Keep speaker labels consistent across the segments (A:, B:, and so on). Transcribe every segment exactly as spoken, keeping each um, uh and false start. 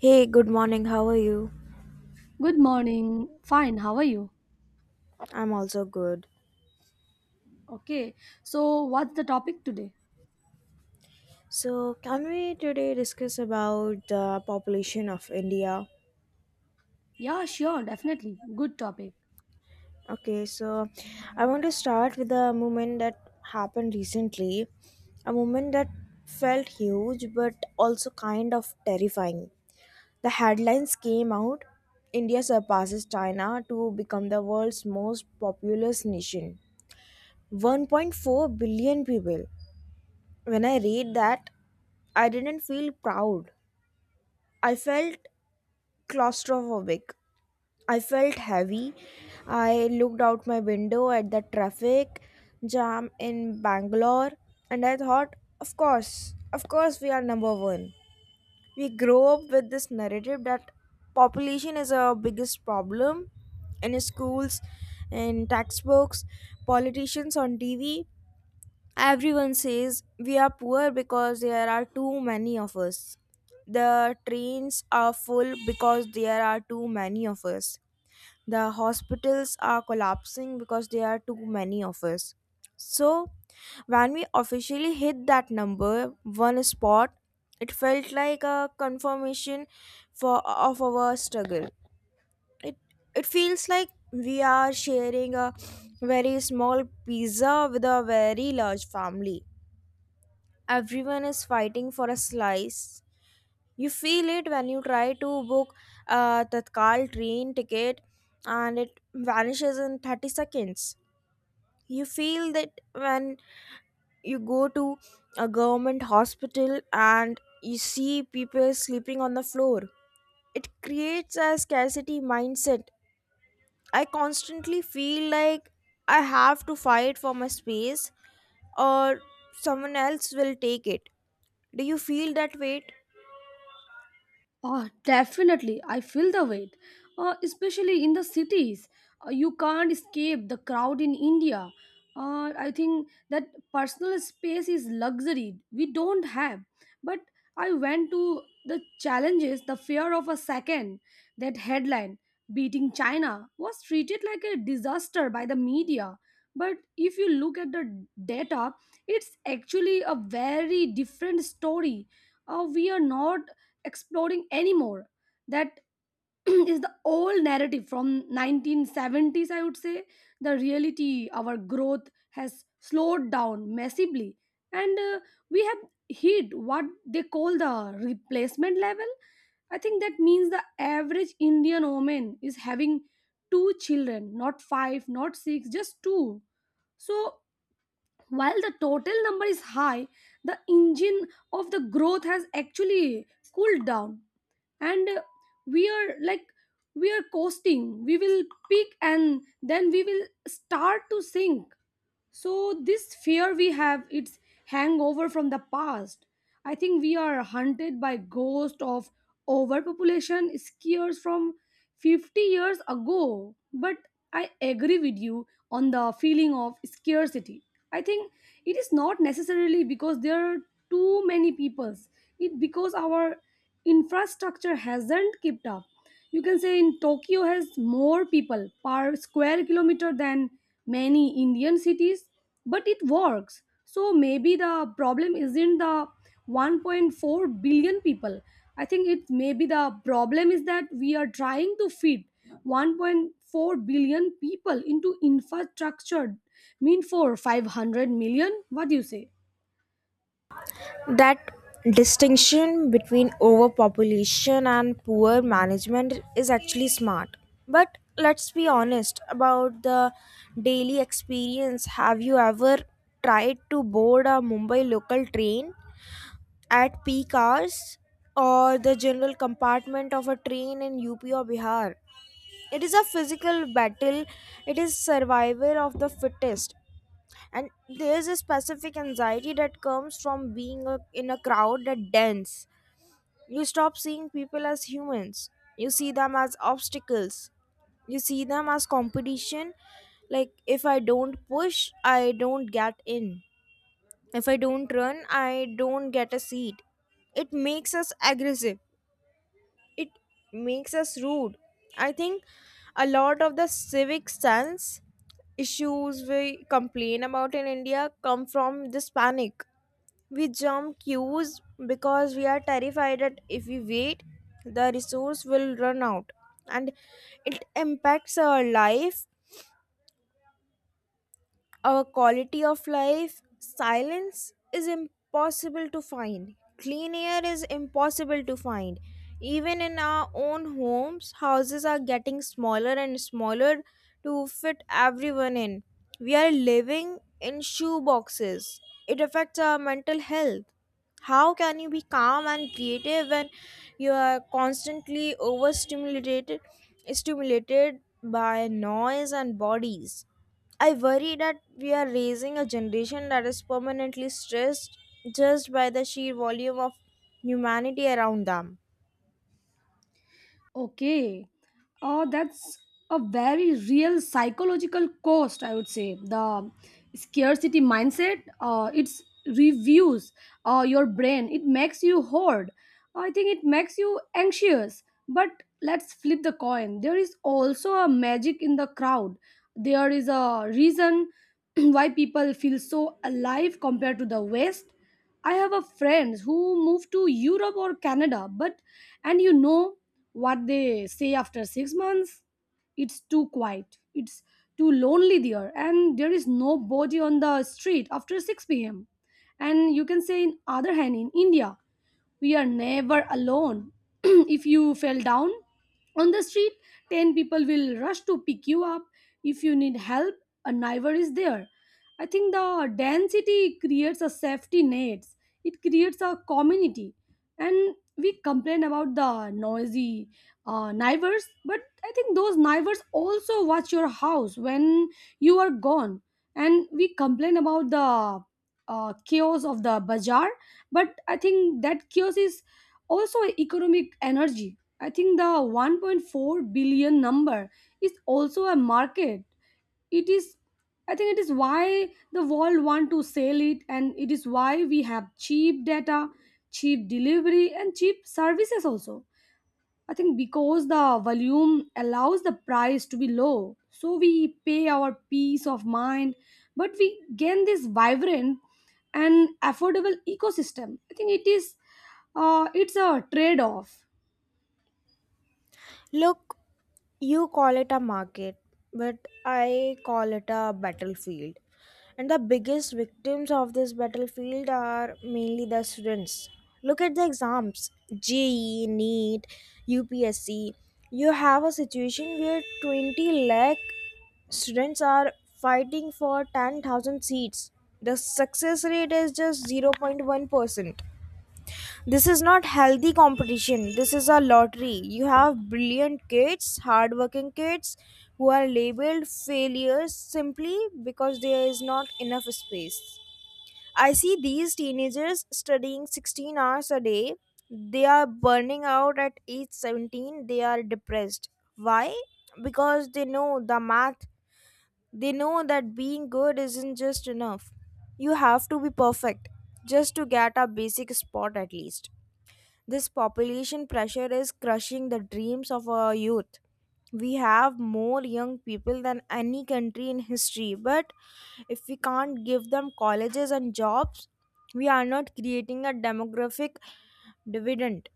A: Hey, good morning. How are you?
B: Good morning. Fine. How are you?
A: I'm also good.
B: Okay. So, what's the topic today?
A: So, can we today discuss about the population of India?
B: Yeah, sure. Definitely. Good topic.
A: Okay, so I want to start with a movement that happened recently, a movement that felt huge but also kind of terrifying. The headlines came out: India surpasses China to become the world's most populous nation. one point four billion people. When I read that, I didn't feel proud. I felt claustrophobic. I felt heavy. I looked out my window at the traffic jam in Bangalore, and I thought, of course, of course, we are number one. We grow up with this narrative that population is our biggest problem: in schools, in textbooks, politicians on T V. Everyone says we are poor because there are too many of us. The trains are full because there are too many of us. The hospitals are collapsing because there are too many of us. So, when we officially hit that number one spot, it felt like a confirmation for of our struggle. It it feels like we are sharing a very small pizza with a very large family. Everyone is fighting for a slice. You feel it when you try to book a Tatkal train ticket and it vanishes in thirty seconds. You feel that when you go to a government hospital and you see people sleeping on the floor. It creates a scarcity mindset. I constantly feel like I have to fight for my space, or someone else will take it. Do you feel that weight?
B: Oh, definitely. I feel the weight, uh, especially in the cities. Uh, you can't escape the crowd in India. Uh, I think that personal space is luxury we don't have. But I went to the challenges, the fear of a second. That headline, beating China, was treated like a disaster by the media. But if you look at the data, it's actually a very different story uh, We are not exploring anymore. That is the old narrative from nineteen seventies, I would say. The reality, our growth has slowed down massively, and uh, we have hit what they call the replacement level. I think that means the average Indian woman is having two children, not five, not six, just two. So while the total number is high, the engine of the growth has actually cooled down and uh, we are like we are coasting. We will peak and then we will start to sink. So this fear we have, it's hangover from the past. I think we are hunted by ghost of overpopulation scares from fifty years ago. But I agree with you on the feeling of scarcity. I think it is not necessarily because there are too many peoples. It because our infrastructure hasn't kept up. You can say in Tokyo has more people per square kilometer than many Indian cities, but it works. So maybe the problem isn't the one point four billion people. I think it maybe the problem is that we are trying to fit one point four billion people into infrastructure mean for five hundred million. What do you say?
A: That distinction between overpopulation and poor management is actually smart. But let's be honest about the daily experience. Have you ever tried to board a Mumbai local train at peak hours, or the general compartment of a train in U P or Bihar? It is a physical battle. It is survival of the fittest. And there's a specific anxiety that comes from being a, in a crowd that dense. You stop seeing people as humans. You see them as obstacles. You see them as competition. Like, if I don't push, I don't get in. If I don't run, I don't get a seat. It makes us aggressive. It makes us rude. I think a lot of the civic sense issues we complain about in India come from this panic. We jump queues because we are terrified that if we wait, the resource will run out. And it impacts our life, our quality of life. Silence is impossible to find. Clean air is impossible to find. Even in our own homes, houses are getting smaller and smaller to fit everyone in. We are living in shoe boxes. It affects our mental health. How can you be calm and creative when you are constantly overstimulated stimulated by noise and bodies? I worry that we are raising a generation that is permanently stressed just by the sheer volume of humanity around them.
B: Okay. Oh, that's a very real psychological cost, I would say. The scarcity mindset, uh, it's reviews uh, your brain, it makes you hoard. I think it makes you anxious. But let's flip the coin. There is also a magic in the crowd. There is a reason why people feel so alive compared to the West. I have a friends who moved to Europe or Canada but and you know what they say after six months. It's too quiet, it's too lonely there, and there is nobody on the street after six p.m. And you can say in other hand in India we are never alone. If you fell down on the street, ten people will rush to pick you up. If you need help, a neighbor is there. I think the density creates a safety net, it creates a community. And we complain about the noisy uh, neighbors, but I think those neighbors also watch your house when you are gone. And we complain about the uh, chaos of the bazaar, but I think that chaos is also economic energy. I think the one point four billion number is also a market. It is, I think it is why the world want to sell it, and it is why we have cheap data, cheap delivery and cheap services also. I think because the volume allows the price to be low, so we pay our peace of mind, but we gain this vibrant and affordable ecosystem. I think it is, uh, it's a trade-off.
A: Look. You call it a market, but I call it a battlefield. And the biggest victims of this battlefield are mainly the students. Look at the exams: J E E, NEET, U P S C. You have a situation where twenty lakh students are fighting for ten thousand seats. The success rate is just zero point one percent. This is not healthy competition. This is a lottery. You have brilliant kids, hardworking kids who are labeled failures simply because there is not enough space. I see these teenagers studying sixteen hours a day. They are burning out at age seventeen. They are depressed. Why? Because they know the math. They know that being good isn't just enough. You have to be perfect just to get a basic spot at least. This population pressure is crushing the dreams of our youth. We have more young people than any country in history, but if we can't give them colleges and jobs, we are not creating a demographic dividend.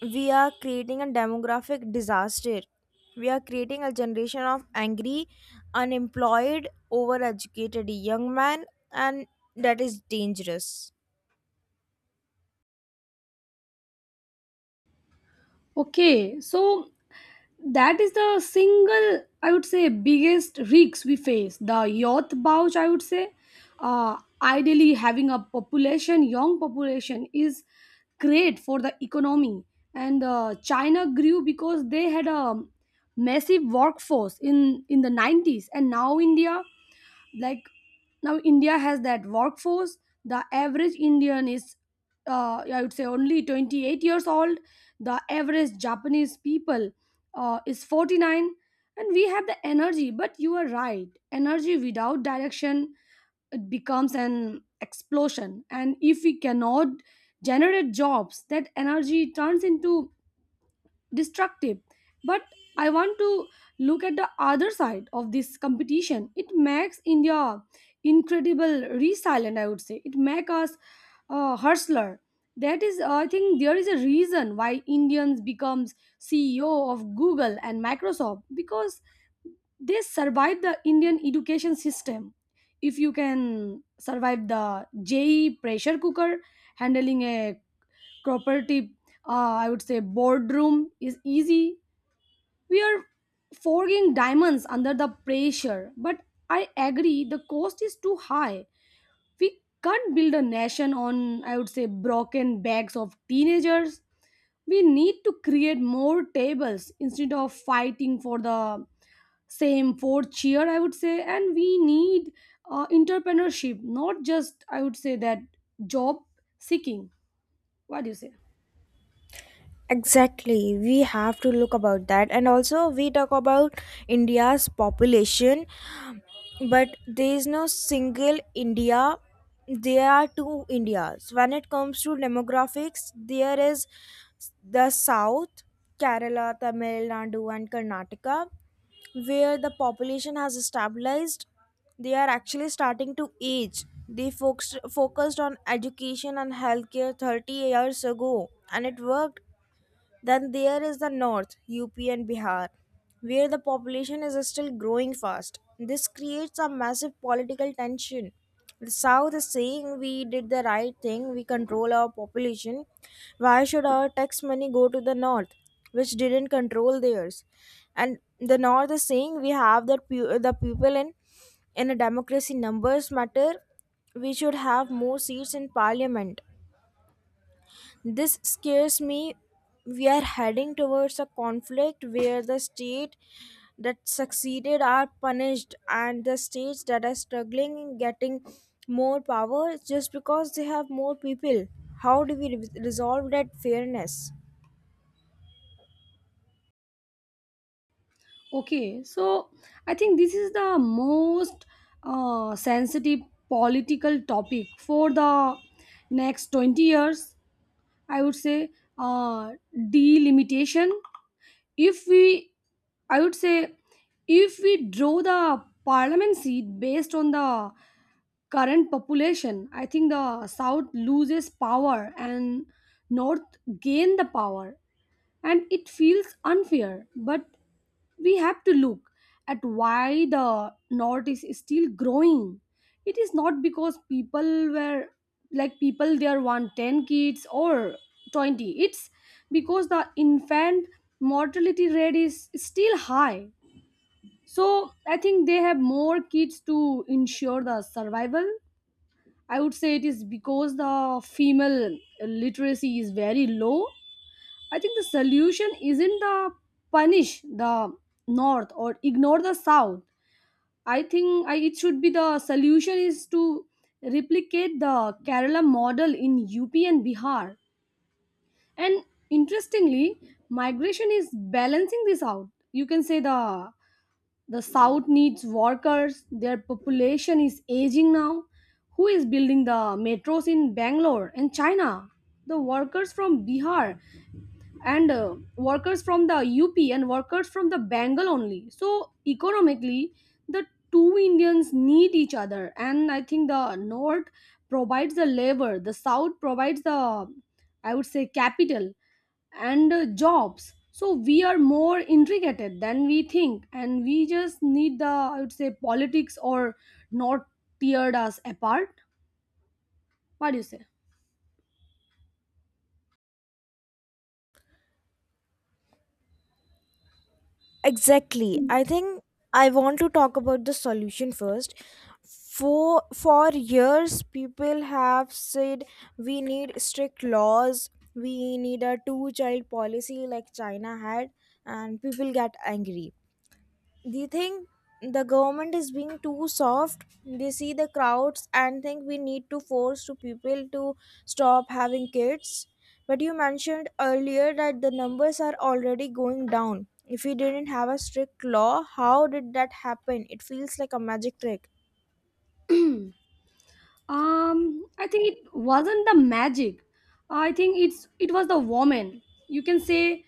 A: We are creating a demographic disaster. We are creating a generation of angry, unemployed, overeducated young men, and that is dangerous.
B: Okay, so that is the single, I would say, biggest risks we face, the youth bulge, I would say uh, Ideally having a population young population is great for the economy, and uh, China grew because they had a massive workforce in in the nineties, and now india like now india has that workforce. The average Indian is uh, I would say, only twenty-eight years old. The average Japanese people uh, is forty-nine. And we have the energy, but you are right, energy without direction, it becomes an explosion. And if we cannot generate jobs, that energy turns into destructive. But I want to look at the other side of this competition. It makes India incredible resilient, I would say. It makes us uh, hustler. That is, I think there is a reason why Indians becomes CEO of Google and Microsoft, because they survive the Indian education system. If you can survive the J E E pressure cooker, handling a property, uh, I would say, boardroom is easy. We are forging diamonds under the pressure, but I agree the cost is too high. We can't build a nation on, I would say, broken backs of teenagers. We need to create more tables instead of fighting for the same four chair, I would say. And we need uh, entrepreneurship, not just, I would say, that job seeking. What do you say?
A: Exactly, we have to look about that, and also we talk about India's population, but there is no single India. There are two Indias. When it comes to demographics, there is the South — Kerala, Tamil Nadu, and Karnataka — where the population has stabilized. They are actually starting to age. They focused, focused on education and healthcare thirty years ago, and it worked. Then there is the north, U P and Bihar, where the population is still growing fast. This creates a massive political tension. The south is saying we did the right thing, we control our population. Why should our tax money go to the north, which didn't control theirs? And the north is saying, we have the, pu- the people. In in a democracy, numbers matter. We should have more seats in parliament. This scares me. We are heading towards a conflict where the state that succeeded are punished and the states that are struggling in getting more power just because they have more people. How do we re- resolve that fairness?
B: Okay, so I think this is the most uh, sensitive political topic for the next twenty years. I would say uh, delimitation. If we, I would say, if we draw the parliament seat based on the current population, I think the south loses power and north gain the power. And it feels unfair, but we have to look at why the north is still growing. It is not because people were like people there want ten kids or twenty. It's because the infant mortality rate is still high, so I think they have more kids to ensure the survival, I would say. It is because the female literacy is very low. I think the solution isn't the punish the north or ignore the south. I think I, it should be the solution is to replicate the Kerala model in U P and Bihar. And interestingly, migration is balancing this out. You can say the the south needs workers, their population is aging now. Who is building the metros in Bangalore and China? The workers from Bihar and uh, workers from the U P and workers from the Bengal only. So economically, the two Indians need each other, and I think the north provides the labor, the south provides the, I would say, capital and uh, jobs. So we are more intricate than we think, and we just need the, I would say, politics or not teared us apart. What do you say?
A: Exactly. I think I want to talk about the solution first. For for years people have said we need strict laws, we need a two child policy like China had, and people get angry. Do you think the government is being too soft? They see the crowds and think we need to force to people to stop having kids. But you mentioned earlier that the numbers are already going down. If we didn't have a strict law, how did that happen? It feels like a magic trick.
B: Um, I think it wasn't the magic. I think it's it was the woman. You can say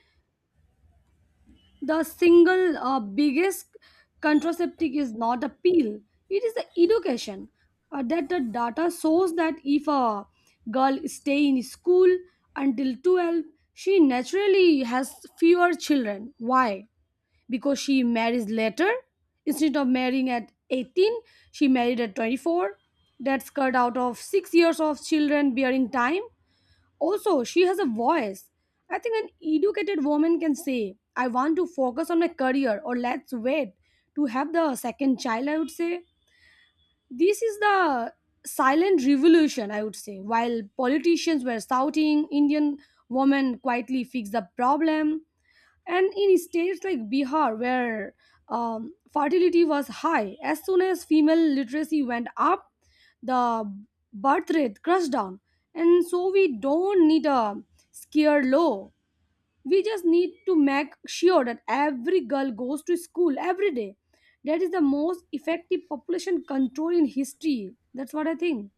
B: the single uh, biggest contraceptive is not a pill. It is the education uh, that the data shows that if a girl stay in school until twelve, she naturally has fewer children. Why? Because she marries later. Instead of marrying at eighteen, she married at twenty-four. That's cut out of six years of children bearing time. Also she has a voice. I think an educated woman can say I want to focus on my career, or let's wait to have the second child, I would say. This is the silent revolution, I would say. While politicians were shouting, Indian women quietly fixed the problem. And in states like Bihar where um, fertility was high, as soon as female literacy went up, the birth rate crashed down. And so we don't need a scare low, we just need to make sure that every girl goes to school every day. That is the most effective population control in history. That's what I think.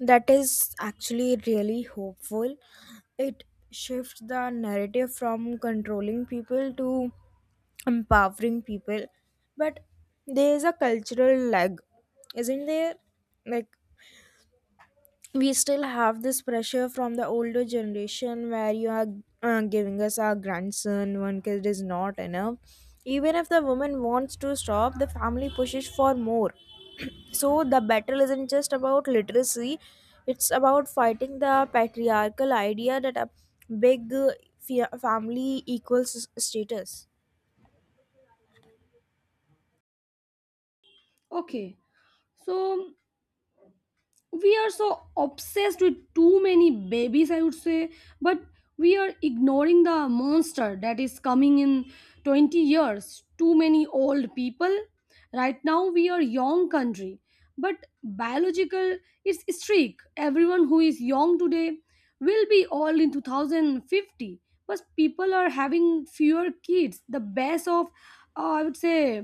A: That is actually really hopeful. It shifts the narrative from controlling people to empowering people. But there is a cultural lag, isn't there? Like, we still have this pressure from the older generation where you are uh, giving us our grandson, one kid is not enough. Even if the woman wants to stop, the family pushes for more. so the battle isn't just about literacy. It's about fighting the patriarchal idea that a big uh, fa- family equals status.
B: Okay, so we are so obsessed with too many babies, I would say. But we are ignoring the monster that is coming in twenty years, too many old people. Right now we are young country, but biological, it's streak, everyone who is young today will be old in twenty fifty. But people are having fewer kids. The base of, uh, I would say,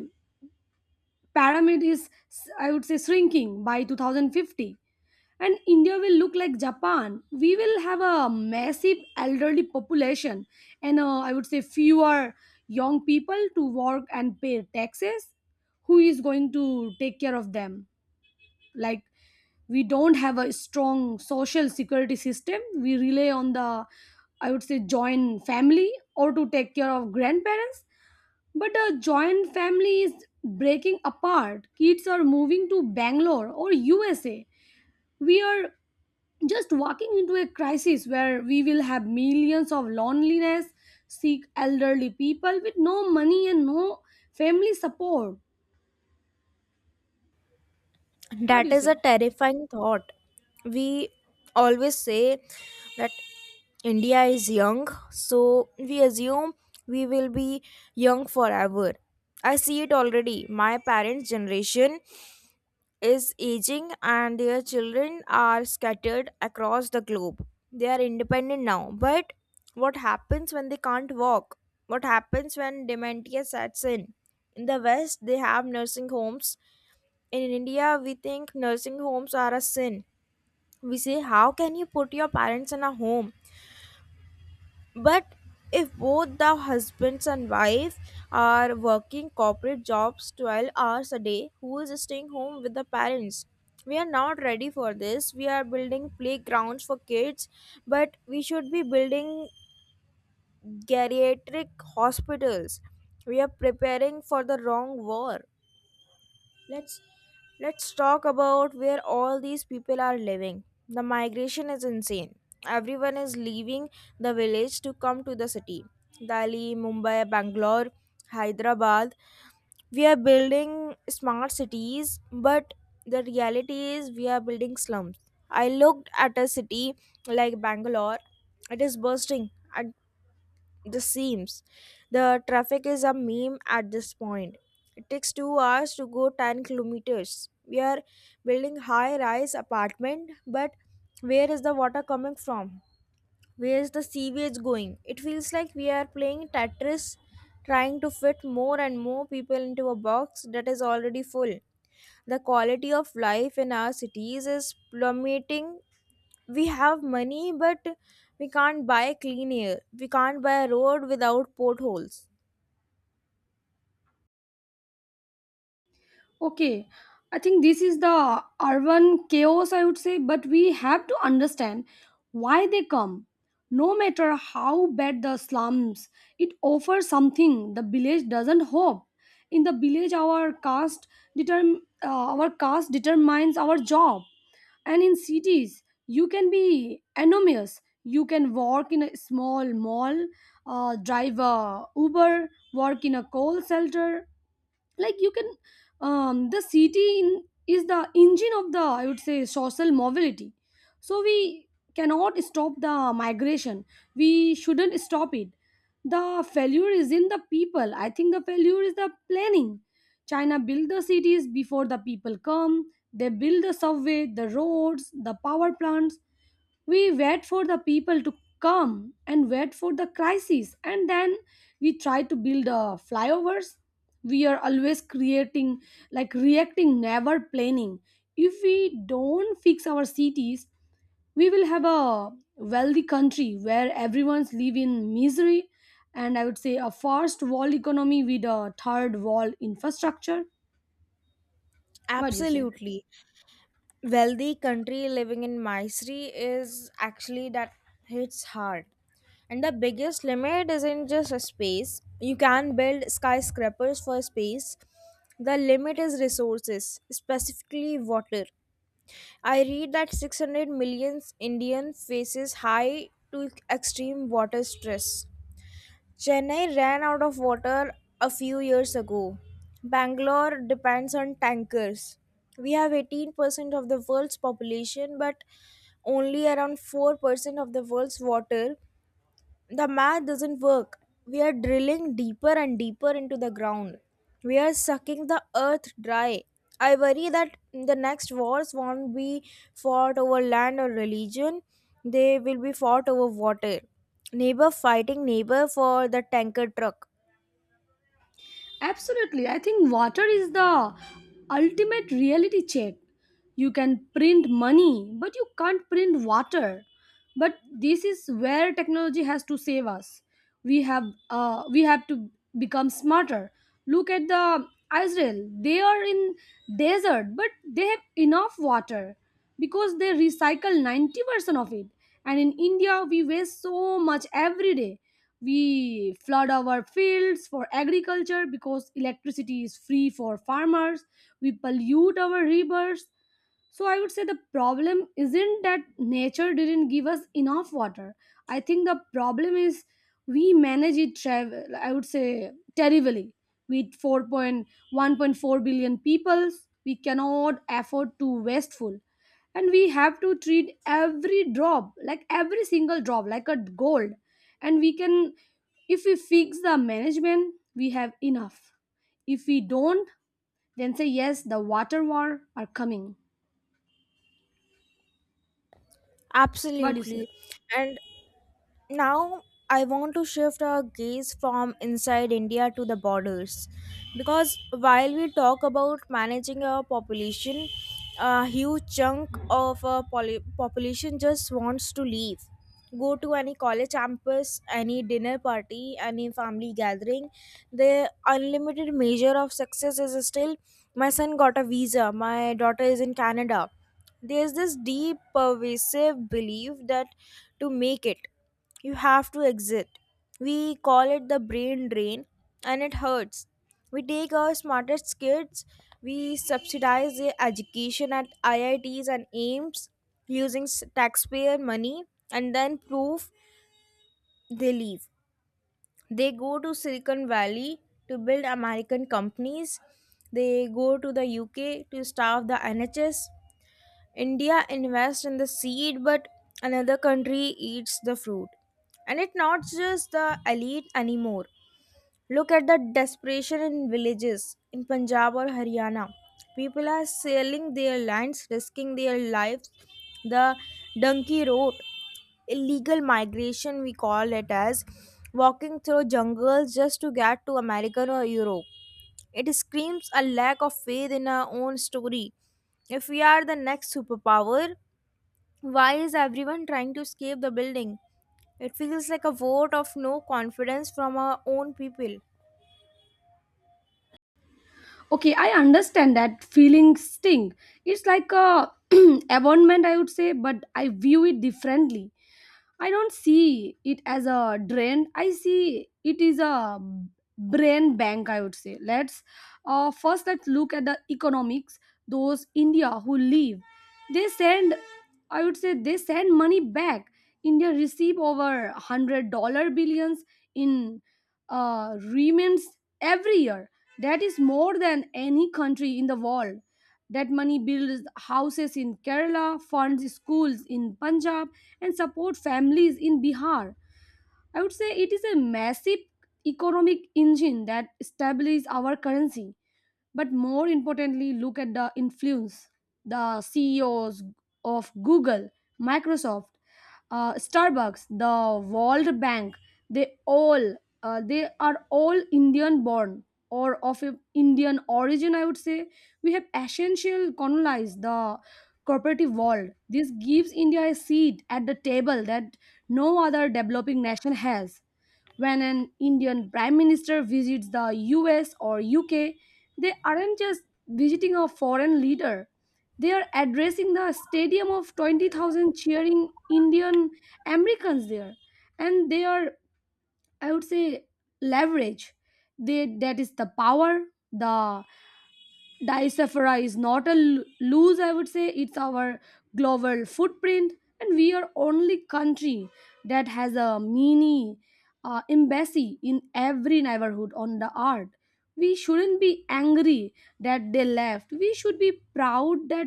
B: pyramid is, I would say, shrinking. By twenty fifty and India will look like Japan. We will have a massive elderly population, and uh, I would say, fewer young people to work and pay taxes. Who is going to take care of them? Like, we don't have a strong social security system. We rely on the, I would say, joint family or to take care of grandparents. But a joint family is breaking apart. Kids are moving to Bangalore or U S A. We are just walking into a crisis where we will have millions of loneliness sick elderly people with no money and no family support. What do
A: That
B: you
A: is a
B: say?
A: terrifying thought. We always say that India is young, so we assume we will be young forever. I see it already. My parents' generation is aging, and their children are scattered across the globe. They are independent now. But what happens when they can't walk? What happens when dementia sets in? In the West, they have nursing homes. In India, we think nursing homes are a sin. We say, "How can you put your parents in a home?" But if both the husbands and wife are working corporate jobs twelve hours a day, who is staying home with the parents? We are not ready for this. We are building playgrounds for kids, but we should be building geriatric hospitals. We are preparing for the wrong war. Let's let's talk about where all these people are living. The migration is insane. Everyone is leaving the village to come to the city. Delhi, Mumbai, Bangalore, Hyderabad. We are building smart cities, but the reality is we are building slums. I looked at a city like Bangalore. It is bursting. I the seams. The traffic is a meme at this point. It takes two hours to go ten kilometers. We are building high rise apartment, but where is the water coming from? Where is the sewage going? It feels like we are playing Tetris, trying to fit more and more people into a box that is already full. The quality of life in our cities is plummeting. We have money, but we can't buy clean air. We can't buy a road without potholes.
B: Okay, I think this is the urban chaos, I would say, but we have to understand why they come. No matter how bad the slums, it offers something the village doesn't: hope. In the village, our caste determ- uh, our caste determines our job, and in cities you can be anonymous. You can work in a small mall, uh, drive a Uber, work in a call center, like you can um, the city in, is the engine of the, I would say, social mobility. So we cannot stop the migration, we shouldn't stop it. The failure is in the people, I think the failure is the planning. China built the cities before the people come. They build the subway, the roads, the power plants. We wait for the people to come and wait for the crisis, and then we try to build uh, flyovers. We are always creating, like, reacting, never planning. If we don't fix our cities, we will have a wealthy country where everyone's live in misery, and I would say a first world economy with a third world infrastructure. What do you say?
A: Absolutely. Wealthy country living in misery is actually that hits hard. And the biggest limit isn't just a space. You can build skyscrapers for space. The limit is resources, specifically water. I read that six hundred million Indian faces high to extreme water stress. Chennai ran out of water a few years ago. Bangalore depends on tankers. We have eighteen percent of the world's population, but only around four percent of the world's water. The math doesn't work. We are drilling deeper and deeper into the ground. We are sucking the earth dry. I worry that the next wars won't be fought over land or religion, they will be fought over water. Neighbor fighting neighbor for the tanker truck.
B: Absolutely. I think water is the ultimate reality check. You can print money, but you can't print water. But this is where technology has to save us. We have uh, we have to become smarter. Look at the Israel. They are in desert, but they have enough water because they recycle ninety percent of it. And in India, we waste so much every day. We flood our fields for agriculture because electricity is free for farmers. We pollute our rivers. So I would say the problem isn't that nature didn't give us enough water. I think the problem is we manage it travel, I would say, terribly. With four point one point four billion people, we cannot afford to wasteful, and we have to treat every drop, like every single drop, like a gold. And we can, if we fix the management, we have enough. If we don't, then say yes, the water war are coming. What do you say?
A: Absolutely. And now I want to shift our gaze from inside India to the borders, because while we talk about managing our population, a huge chunk of our poly- population just wants to leave. Go to any college campus, any dinner party, any family gathering. The unlimited measure of success is still: my son got a visa, my daughter is in Canada. There's this deep, pervasive belief that to make it, you have to exit. We call it the brain drain, and it hurts. We take our smartest kids, we subsidize their education at I I Ts and AIMS using s- taxpayer money, and then proof they leave. They go to Silicon Valley to build American companies, they go to the U K to staff the N H S. India invests in the seed, but another country eats the fruit. And it's not just the elite anymore. Look at the desperation in villages in Punjab or Haryana. People are selling their lands, risking their lives. The donkey road, illegal migration, we call it, as walking through jungles just to get to America or Europe. It screams a lack of faith in our own story. If we are the next superpower, why is everyone trying to escape the building? It feels like a vote of no confidence from our own people.
B: Okay, I understand that feeling sting. It's like a abandonment, I would say, but I view it differently. I don't see it as a drain. I see it is a brain bank, I would say. Let's uh, first let's look at the economics. Those India who leave, they send, I would say, they send money back. India receive over one hundred dollar billions in uh, remittances every year. That is more than any country in the world. That money builds houses in Kerala, funds schools in Punjab, and support families in Bihar. I would say it is a massive economic engine that stabilizes our currency. But more importantly, look at the influence. The CEOs of Google, Microsoft, uh, Starbucks, the World Bank, they all uh, they are all Indian born or of a Indian origin, I would say. We have essential colonized the cooperative world. This gives India a seat at the table that no other developing nation has. When an Indian prime minister visits the U S or U K, they aren't just visiting a foreign leader. They are addressing the stadium of twenty thousand cheering Indian Americans there. And they are, I would say, leverage. They, that is the power, the Diaspora is not a lo- lose, I would say. It's our global footprint, and we are only country that has a mini uh, embassy in every neighborhood on the earth. We shouldn't be angry that they left. We should be proud that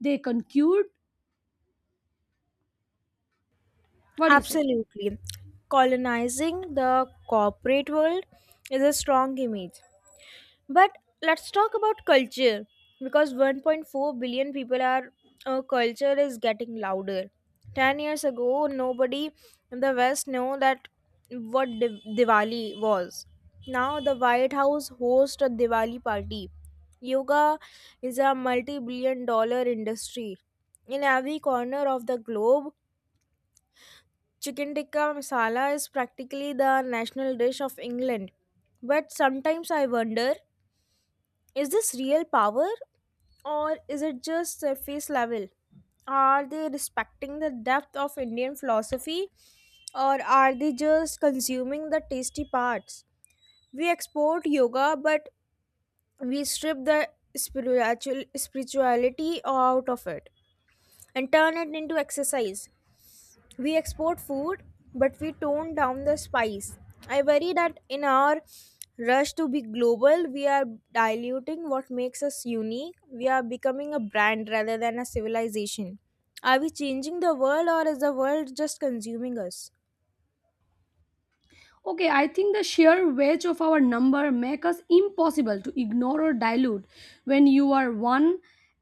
B: they conquered. What do you say?
A: Absolutely. Colonizing the corporate world is a strong image. But let's talk about culture, because one point four billion people are uh, culture is getting louder. ten years ago nobody in the west knew that what Div- Diwali was. Now the White House hosts a Diwali party. Yoga is a multi-billion dollar industry. In every corner of the globe, chicken tikka masala is practically the national dish of England. But sometimes I wonder, is this real power, or is it just surface level? Are they respecting the depth of Indian philosophy, or are they just consuming the tasty parts? We export yoga, but we strip the spiritual spirituality out of it and turn it into exercise. We export food, but we tone down the spice. I worry that in our rush to be global, we are diluting what makes us unique. We are becoming a brand rather than a civilization. Are we changing the world, or is the world just consuming us?
B: Okay, I think the sheer weight of our number make us impossible to ignore or dilute. When you are one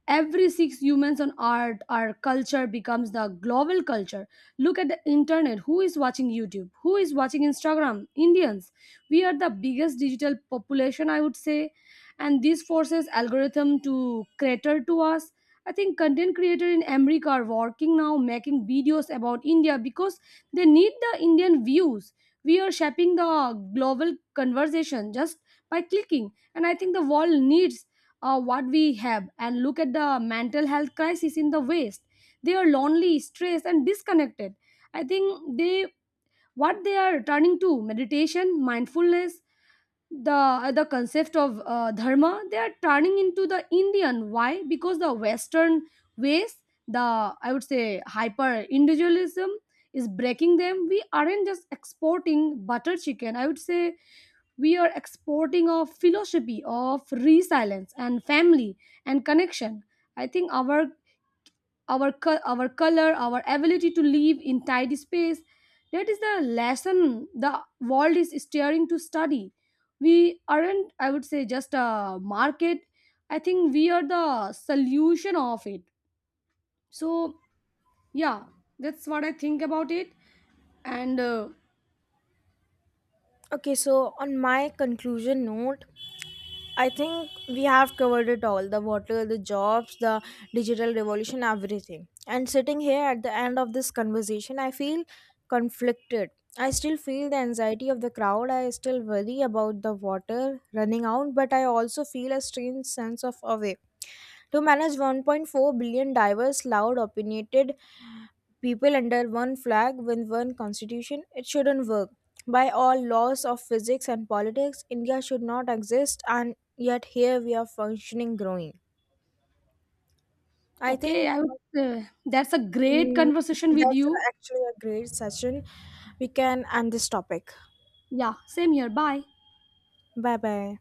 B: every six humans on earth, our culture becomes the global culture. Look at the internet. Who is watching YouTube? Who is watching Instagram? Indians. We are the biggest digital population, I would say, and this forces algorithm to cater to us. I think content creators in America are working now making videos about India because they need the Indian views. We are shaping the global conversation just by clicking. And I think the world needs uh, what we have. And look at the mental health crisis in the west. They are lonely, stressed and disconnected. I think they what they are turning to: meditation, mindfulness, the uh, the concept of uh, dharma. They are turning into the Indian, why? Because the western ways, the, I would say, hyper individualism is breaking them. We aren't just exporting butter chicken, I would say. We are exporting a philosophy of resilience and family and connection. I think our our co- our color, our ability to live in tidy space, that is the lesson the world is staring to study. We aren't, I would say, just a market. I think we are the solution of it. So yeah, that's what I think about it. And uh,
A: Okay, so on my conclusion note, I think we have covered it all: the water, the jobs, the digital revolution, everything. And sitting here at the end of this conversation, I feel conflicted. I still feel the anxiety of the crowd. I still worry about the water running out, but I also feel a strange sense of awe. To manage one point four billion diverse, loud, opinionated people under one flag with one constitution, it shouldn't work. By all laws of physics and politics, India should not exist, and yet here we are, functioning, growing. I
B: okay,
A: think
B: i would, uh, that's a great
A: mm,
B: conversation with
A: that's
B: you.
A: actually a great session. We can end this topic.
B: Yeah, same here. Bye.
A: Bye bye.